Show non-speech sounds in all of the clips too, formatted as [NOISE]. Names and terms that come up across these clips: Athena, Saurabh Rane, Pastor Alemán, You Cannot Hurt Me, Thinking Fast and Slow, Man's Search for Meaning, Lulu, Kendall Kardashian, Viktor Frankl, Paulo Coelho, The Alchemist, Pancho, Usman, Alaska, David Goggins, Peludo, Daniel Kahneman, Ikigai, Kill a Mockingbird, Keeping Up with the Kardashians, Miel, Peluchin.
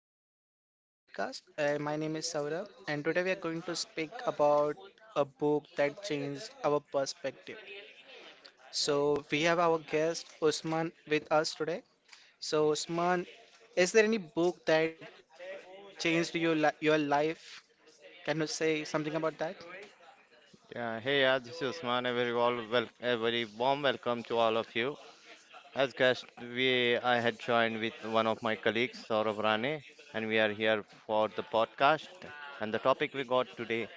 my podcast. My name is Saurabh, and today we are going to speak about a book that changed our perspective. So we have our guest Usman with us today. So, Usman, is there any book that changed your li your life? Can you say something about that? Yeah, hey, yeah, this is Usman. A very, a very warm welcome to all of you. As guest, we I had joined with one of my colleagues, Saurabh Rane, and we are here for the podcast. And the topic we got today,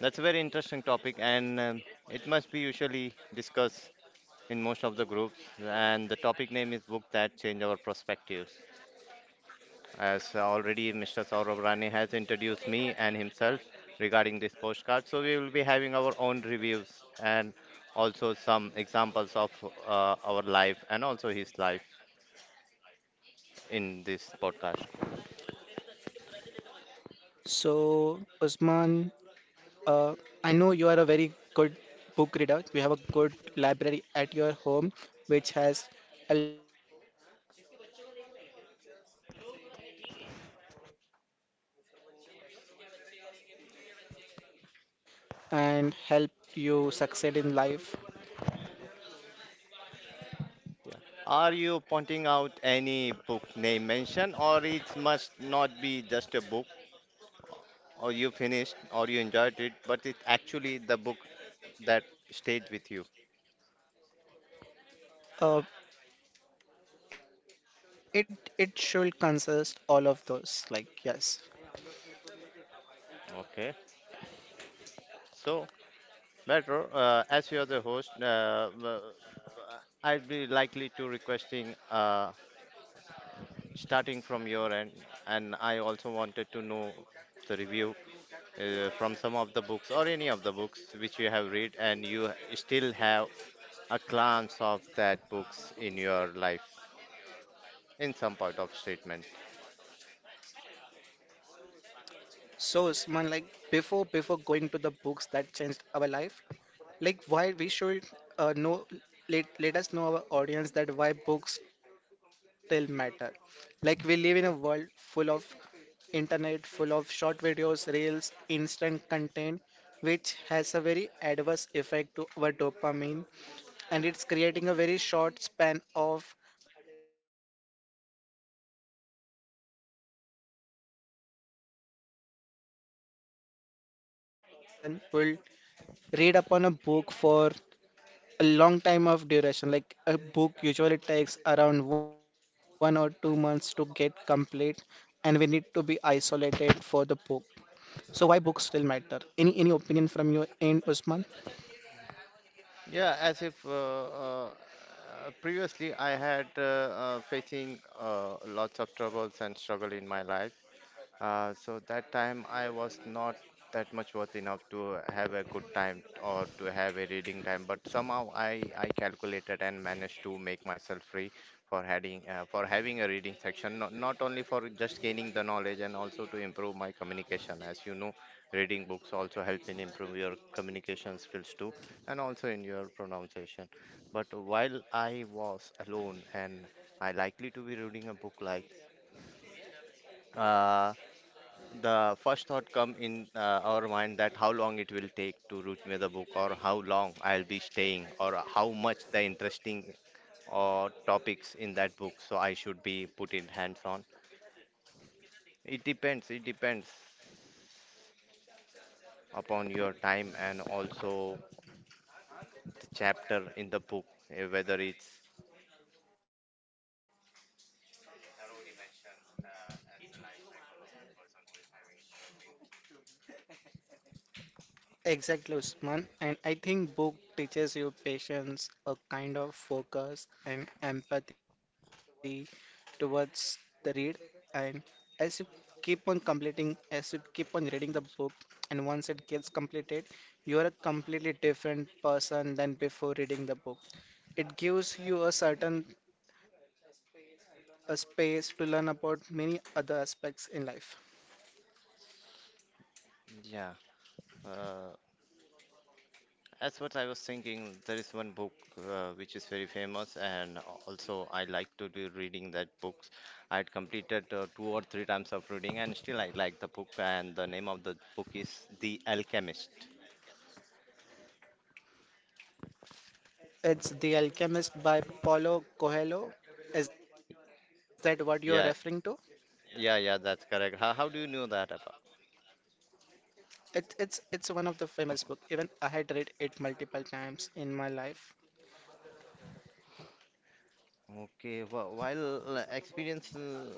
that's a very interesting topic, and it must be usually discussed in most of the groups. And the topic name is book that change our perspectives as already Mr. Saurabh Rane has introduced me and himself regarding this postcard. So we will be having our own reviews and also some examples of our life and also his life in this podcast. So, Usman, Uh, I know you are a very good book reader. You have a good library at your home, which has a lot of books. So can you just say, tell something about the book that changed your perspective towards life and helped you succeed in life? Yeah. Are you pointing out any book name mention, or it must not be just a book, or you finished, or you enjoyed it, but it actually the book that stayed with you? Uh, it should consist all of those. Like, yes. Okay. So Metro, as you are the host, I'd be likely to requesting starting from your end, and I also wanted to know the review from some of the books or any of the books which you have read, and you still have a glance of that books in your life in some part of statement. So, Usman, like before going to the books that changed our life, like why we should know let us know our audience that why books still matter. Like, we live in a world full of internet, full of short videos, reels, instant content, which has a very adverse effect to our dopamine, and it's creating a very short span of attention span towards the audience. So why is the book why books still matter? Why will one person will read upon a book for a long time of duration? Like, a book usually takes around 1 or 2 months to get complete, and we need to be isolated for the book. So why books still matter? Any opinion from your end, Usman? Yeah, as if previously I had facing lots of troubles and struggle in my life. So that time I was not that much worth enough to have a good time or to have a reading time, but somehow I calculated and managed to make myself free for having a reading section, not only for just gaining the knowledge and also to improve my communication. As you know, reading books also help in improve your communication skills too, and also in your pronunciation. But while I was alone and I likely to be reading a book like. uh, the first thought come in our mind that how long it will take to reach me the book or how long I'll be staying or how much the interesting or topics in that book so I should be put in hands on. It depends upon your time and also the chapter in the book, whether it's thoroughly mentioned as the life cycle of a person who is having struggling. Exactly, Usman. And I think book teaches you patience, a kind of focus and empathy towards the read. And as you keep on completing, as you keep on reading the book, and once it gets completed, you are a completely different person than before reading the book. It gives you a certain a space to learn about many other aspects in life. Yeah. Uh, That's what I was thinking, there is one book which is very famous, and also I like to do reading that books. I had completed two or three times of reading, and still I like the book. And the name of the book is The Alchemist. It's The Alchemist by Paulo Coelho. Is that what you're Yeah, referring to? yeah, that's correct. How do you know that about? It's it's one of the famous book. Even I had read it multiple times in my life. Okay, well, while experience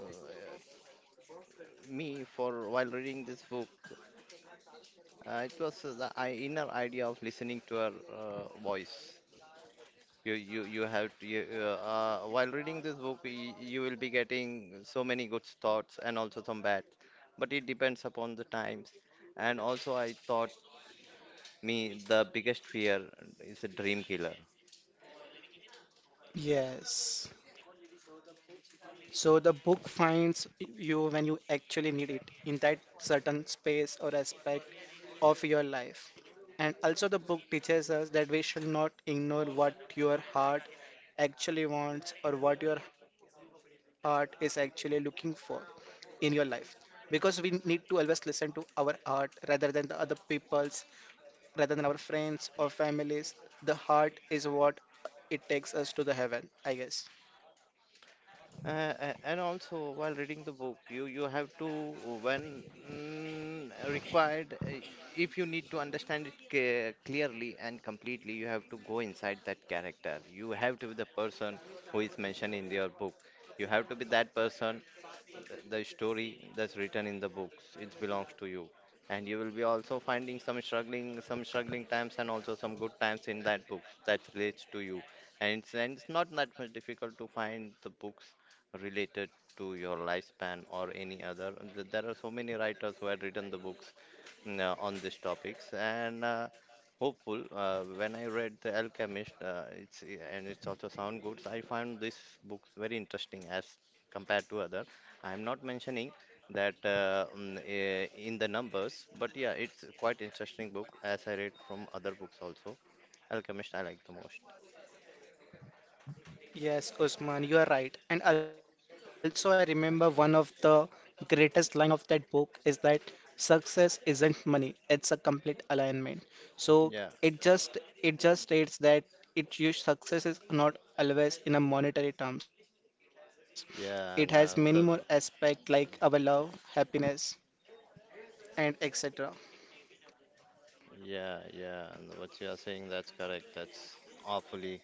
me for while reading this book, it was the inner idea of listening to her voice. You have to you, While reading this book, you will be getting so many good thoughts and also some bad, but it depends upon the times. And also, I thought me the biggest fear is a dream killer. Yes. So the book finds you when you actually need it in that certain space or aspect of your life. And also the book teaches us that we should not ignore what your heart actually wants or what your heart is actually looking for in your life. Because we need to always listen to our heart rather than the other people's, rather than our friends or families. The heart is what it takes us to the heaven, I guess. And also, while reading the book, you have to when mm, required, if you need to understand it clearly and completely, you have to go inside that character. You have to be the person who is mentioned in your book, you have to be that person, the story that's written in the books it belongs to you, and you will be also finding some struggling times and also some good times in that books that relates to you. And it's not that much difficult to find the books related to your lifespan or any other. And there are so many writers who had written the books on these topics, and hopeful when I read The Alchemist, it's also sound good. I found this book very interesting as compared to other. I'm not mentioning that in the numbers, but yeah, it's quite interesting book as I read from other books also. Alchemist I like the most. Yes, Usman, you are right. And also, I remember one of the greatest line of that book is that success isn't money; it's a complete alignment. So yeah it just it just states that it your success is not always in a monetary terms. It has many more yeah and aspects uh, the like our love, happiness, and etc. yeah, yeah, and what you are saying that's correct. That's awfully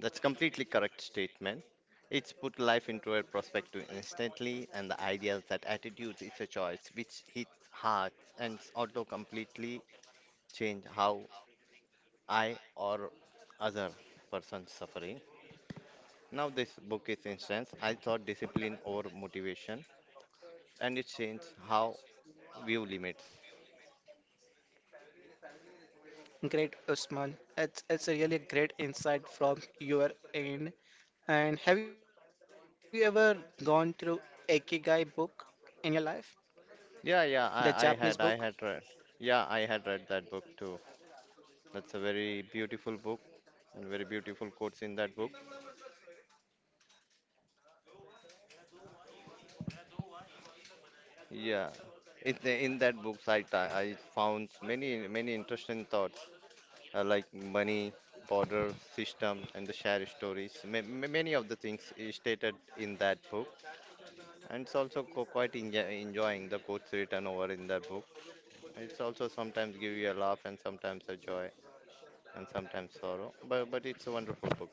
that's completely correct statement. It's put life into a perspective instantly, and the idea that attitudes is a choice which hits hard and also completely change how I or other person suffering. Now this book is instance. I thought discipline over motivation, and it changed how view limits. Great, Usman. It's a really great insight from your end. And have you ever gone through Ikigai book in your life, the Yeah, Japanese book? I had read. Yeah, I had read that book too. That's a very beautiful book and very beautiful quotes in that book. Yeah, in that books I found many interesting thoughts, like money, border system, and the share stories. Many of the things is stated in that book, and it's also co quite enjoying the quotes written over in that book. It's also sometimes give you a laugh and sometimes a joy and sometimes sorrow. But it's a wonderful book.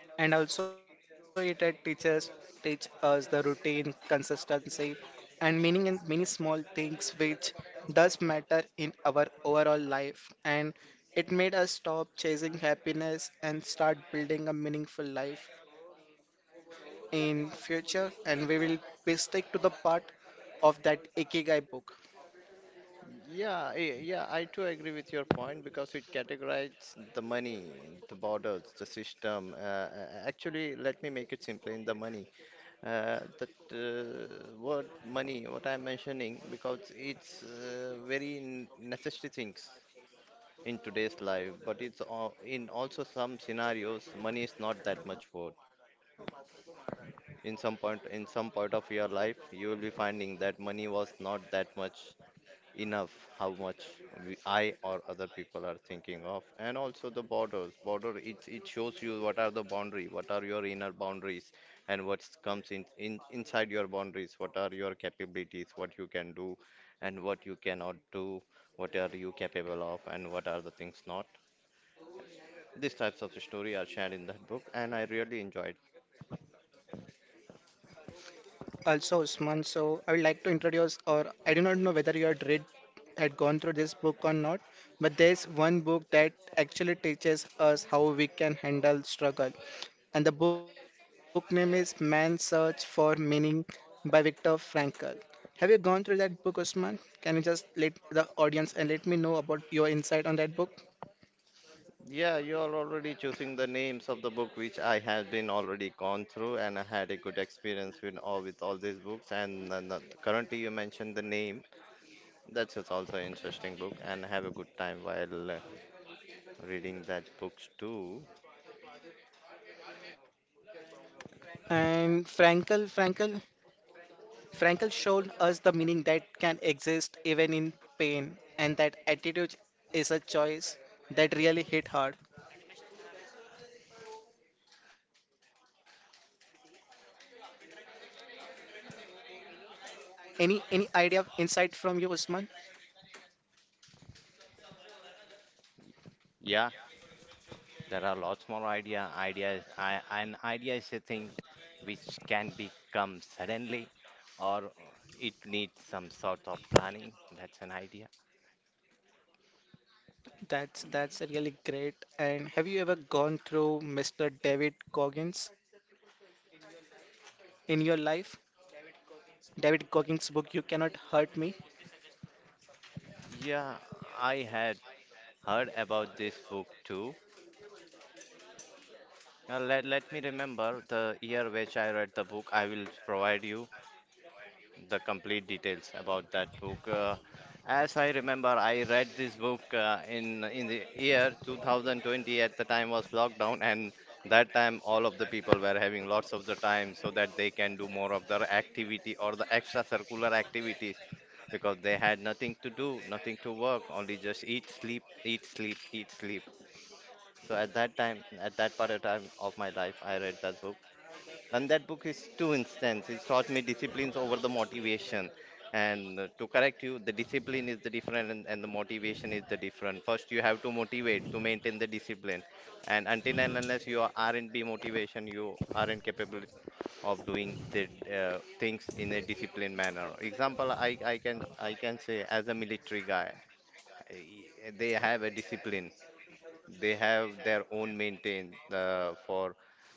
And also it had teachers teach us the routine, consistency, and meaning in many small things which does matter in our overall life. And it made us stop chasing happiness and start building a meaningful life in future. And we stick to the part of that Ikigai book. Yeah, yeah, I too agree with your point because it categorizes the money, the borders, the system. Actually, let me make it simple in the money. The word money, what I'm mentioning, because it's very necessary things in today's life, but in also some scenarios, money is not that much worth. In some point, in some part of your life, you will be finding that money was not that much enough how much we, I or other people are thinking of, and also the borders. Border it shows you what are the boundary, what are your inner boundaries, and what comes in, inside your boundaries. What are your capabilities, what you can do, and what you cannot do, what are you capable of, and what are the things not. These types of story are shared in that book, and I really enjoyed. Also, Usman, so I would like to introduce, or I do not know whether you had read, had gone through this book or not, but there's one book that actually teaches us how we can handle struggle. And the book name is Man's Search for Meaning by Viktor Frankl. Have you gone through that book, Usman? Can you just let the audience and let me know about your insight on that book? Yeah, you are already choosing the names of the book which I had been already gone through, and I had a good experience with all these books, and currently you mentioned the name. That's just also an interesting book and I have a good time while reading that books too. And Frankl showed us the meaning that can exist even in pain, and that attitude is a choice that really hit hard. Any idea of insight from you, Usman? Yeah, there are lots more idea. An idea is a thing which can become suddenly, or it needs some sort of planning. That's an idea. That's really great. And have you ever gone through Mr. David Goggins in your life? David Goggins' book, You Cannot Hurt Me. Yeah, I had heard about this book too. Let me remember the year which I read the book. I will provide you the complete details about that book. As I remember, I read this book in the year 2020. At the time was lockdown, and that time all of the people were having lots of the time so that they can do more of their activity or the extracurricular activities because they had nothing to do, nothing to work, only just eat, sleep, eat, sleep, eat, sleep. So at that time, at that part of time of my life, I read that book, and that book is two instances. It taught me disciplines over the motivation. And to correct you, the discipline is the different and the motivation is the different. First, you have to motivate to maintain the discipline. And until and unless aren't be motivation, you aren't capable of doing the things in a disciplined manner. Example, I can say as a military guy, I- they have a discipline, they have their own maintain for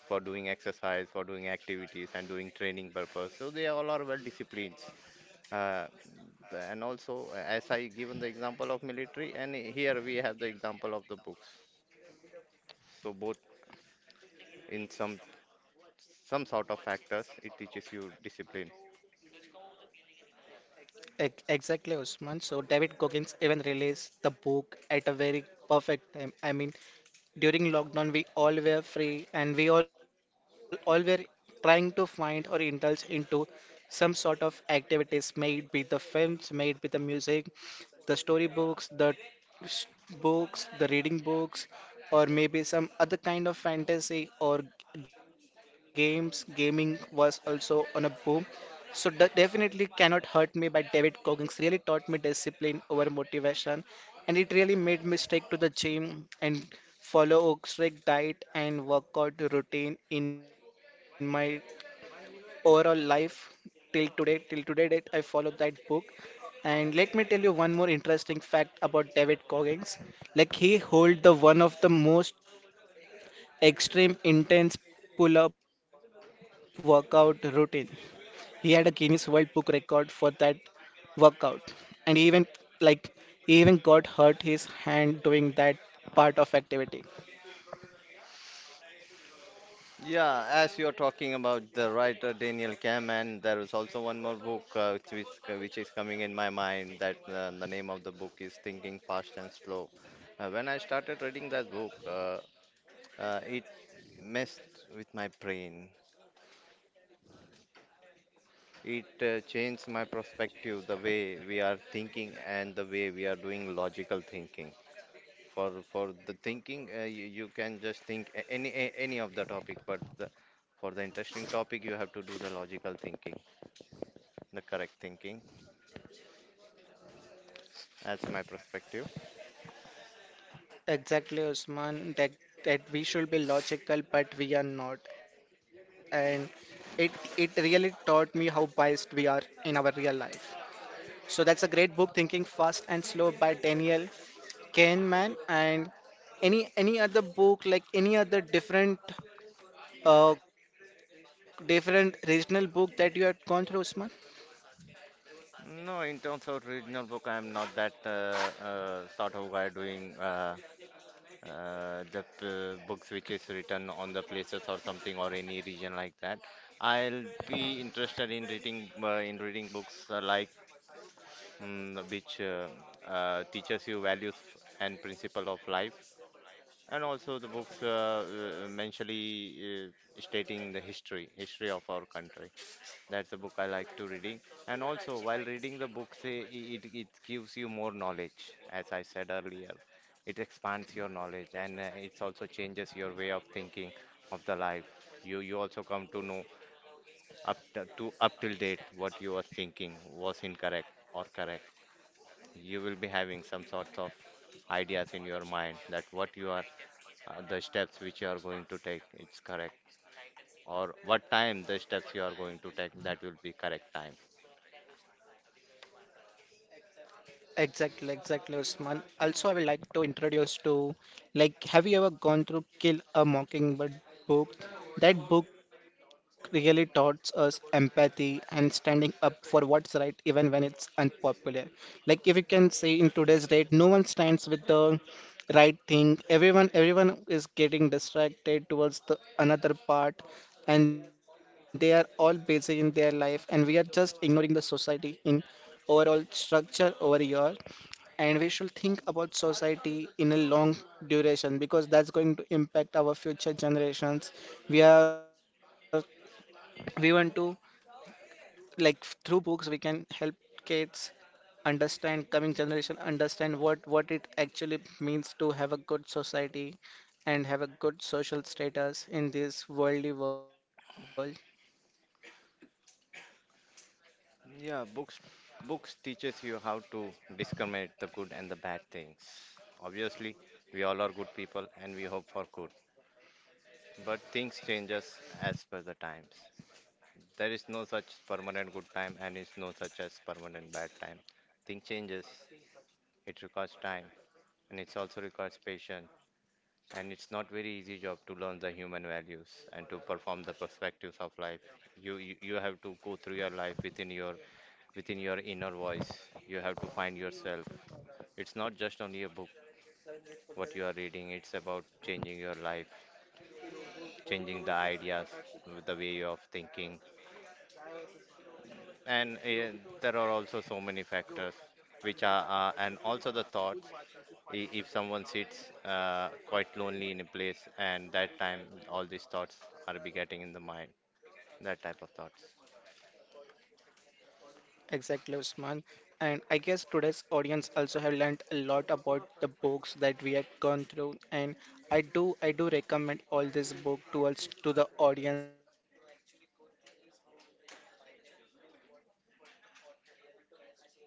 doing exercise, for doing activities and doing training purpose, so they all are well disciplined. Uh, the- and also As I given the example of military, and here we have the example of the books, so both in some sort of factors it teaches you discipline. Exactly, Usman. So David Goggins even released the book at a very perfect time. I mean, during lockdown we all were free, and we all were trying to find or indulge into some sort of activities. May it be the films, may it be the music, the storybooks, the s- books, the reading books, or maybe some other kind of fantasy, or games, gaming was also on a boom. So definitely Cannot Hurt Me by David Coggins really taught me discipline over motivation, and it really made me stick to the gym and follow a strict diet and workout routine in my overall life till today. Till today date, I follow that book. And let me tell you one more interesting fact about David Goggins. Like, he hold the one of the most extreme intense pull-up workout routine. He had a Guinness World Book record for that workout, and he even like he even got hurt his hand doing that part of activity. Yeah, as you're talking about the writer Daniel Kahneman, there is also one more book which is coming in my mind that the name of the book is Thinking Fast and Slow. When I started reading that book, it messed with my brain. It changed my perspective, the way we are thinking and the way we are doing logical thinking. For the thinking, you can just think any of the topic, but the, for the interesting topic, you have to do the logical thinking, the correct thinking as my perspective. Exactly, Usman. That that we should be logical, but we are not, and it really taught me how biased we are in our real life. So that's a great book, Thinking Fast and Slow by Daniel Kahneman. And any other book, like any other different different regional book that you had gone through, Usman? No, in terms of regional book, I'm not that sort of guy doing books which is written on the places or something or any region like that. I'll be interested in reading books like mm, which teaches you values and principle of life, and also the books mentionally stating the history of our country. That's a book I like to reading. And also, while reading the book, say it gives you more knowledge, as I said earlier. It expands your knowledge, and it's also changes your way of thinking of the life. You also come to know up to up till date what you were thinking was incorrect or correct. You will be having some sorts of ideas in your mind that what you are the steps which you are going to take it's correct or what time the steps you are going to take that will be correct time. Exactly, exactly, Usman. Also, I would like to introduce to, like, have you ever gone through Kill a Mockingbird book? That book really taught us empathy and standing up for what's right, even when it's unpopular. Like, if you can say in today's date, no one stands with the right thing. Everyone is getting distracted towards the another part, and they are all busy in their life, and we are just ignoring the society in overall structure over here. And we should think about society in a long duration because that's going to impact our future generations. We are we want to like Through books, we can help kids understand, coming generation understand, what it actually means to have a good society and have a good social status in this worldly world. Yeah, books teaches you how to discriminate the good and the bad things. Obviously, we all are good people and we hope for good. But things changes as per the times. There is no such permanent good time and is no such as permanent bad time. Thing changes. It requires time and it also requires patience. And it's not very easy job to learn the human values and to perform the perspectives of life. You have to go through your life within your inner voice. You have to find yourself. It's not just only a book, what you are reading, it's about changing your life, changing the ideas, the way of thinking. And there are also so many factors which are, and also the thoughts. If someone sits quite lonely in a place, and that time all these thoughts are be getting in the mind, that type of thoughts. Exactly, Usman. And I guess today's audience also have learned a lot about the books that we have gone through. And I do recommend all this book towards to the audience to actually go through this book and actually feel what the author really tries to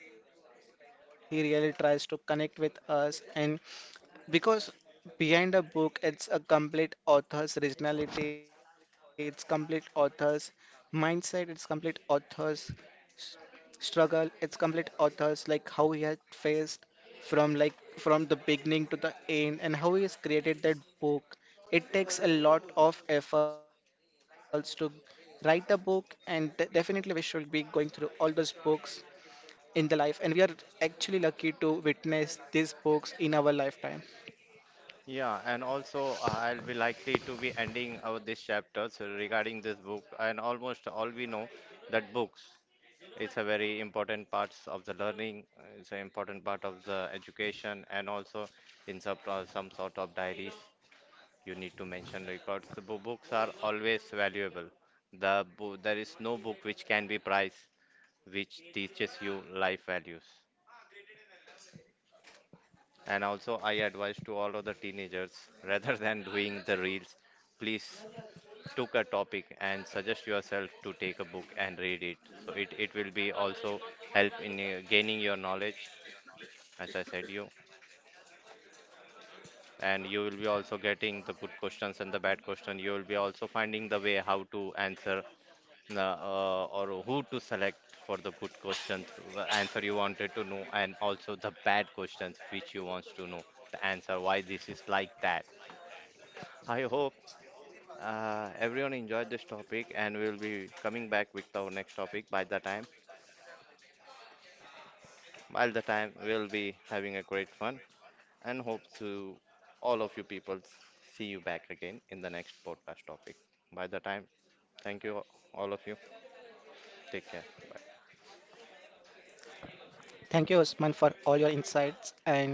tell to us, right? What he really tries to connect with us. And because behind a book, it's a complete author's originality, it's complete author's mindset, it's complete author's s- struggle, it's complete author's like how he had faced from like from the beginning to the end and how he has created that book. It takes a lot of efforts to write a book, and definitely we should be going through all those books in the life, and we are actually lucky to witness these books in our lifetime. Yeah, and also I'll be likely to be ending our this chapter so regarding this book, and almost all we know that books it's a very important parts of the learning, it's an important part of the education, and also in some sort of diaries you need to mention records. The books are always valuable. The bo- there is no book which can be priced which teaches you life values. And also I advise to all of the teenagers [LAUGHS] rather than doing the reels, please took a topic and suggest yourself to take a book and read it. So it will be also help in gaining your knowledge, as I said you. And you will be also getting the good questions and the bad question. You will be also finding the way how to answer or who to select for the good questions, the answer you wanted to know, and also the bad questions which you wants to know the answer why this is like that. I hope everyone enjoyed this topic, and we will be coming back with our next topic by the time. While the time we'll be having a great fun and hope to all of you people see you back again in the next podcast topic. By the time, thank you all of you. Take care. Bye. Thank you, Usman, for all your insights. And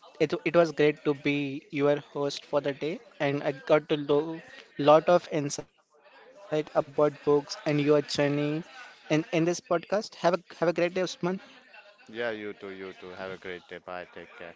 it was great to be your host for the day. And I got to know lot of insight about books and your journey in this podcast. Have a great day, Usman. Yeah, you too, you too. Have a great day. Bye. Take care.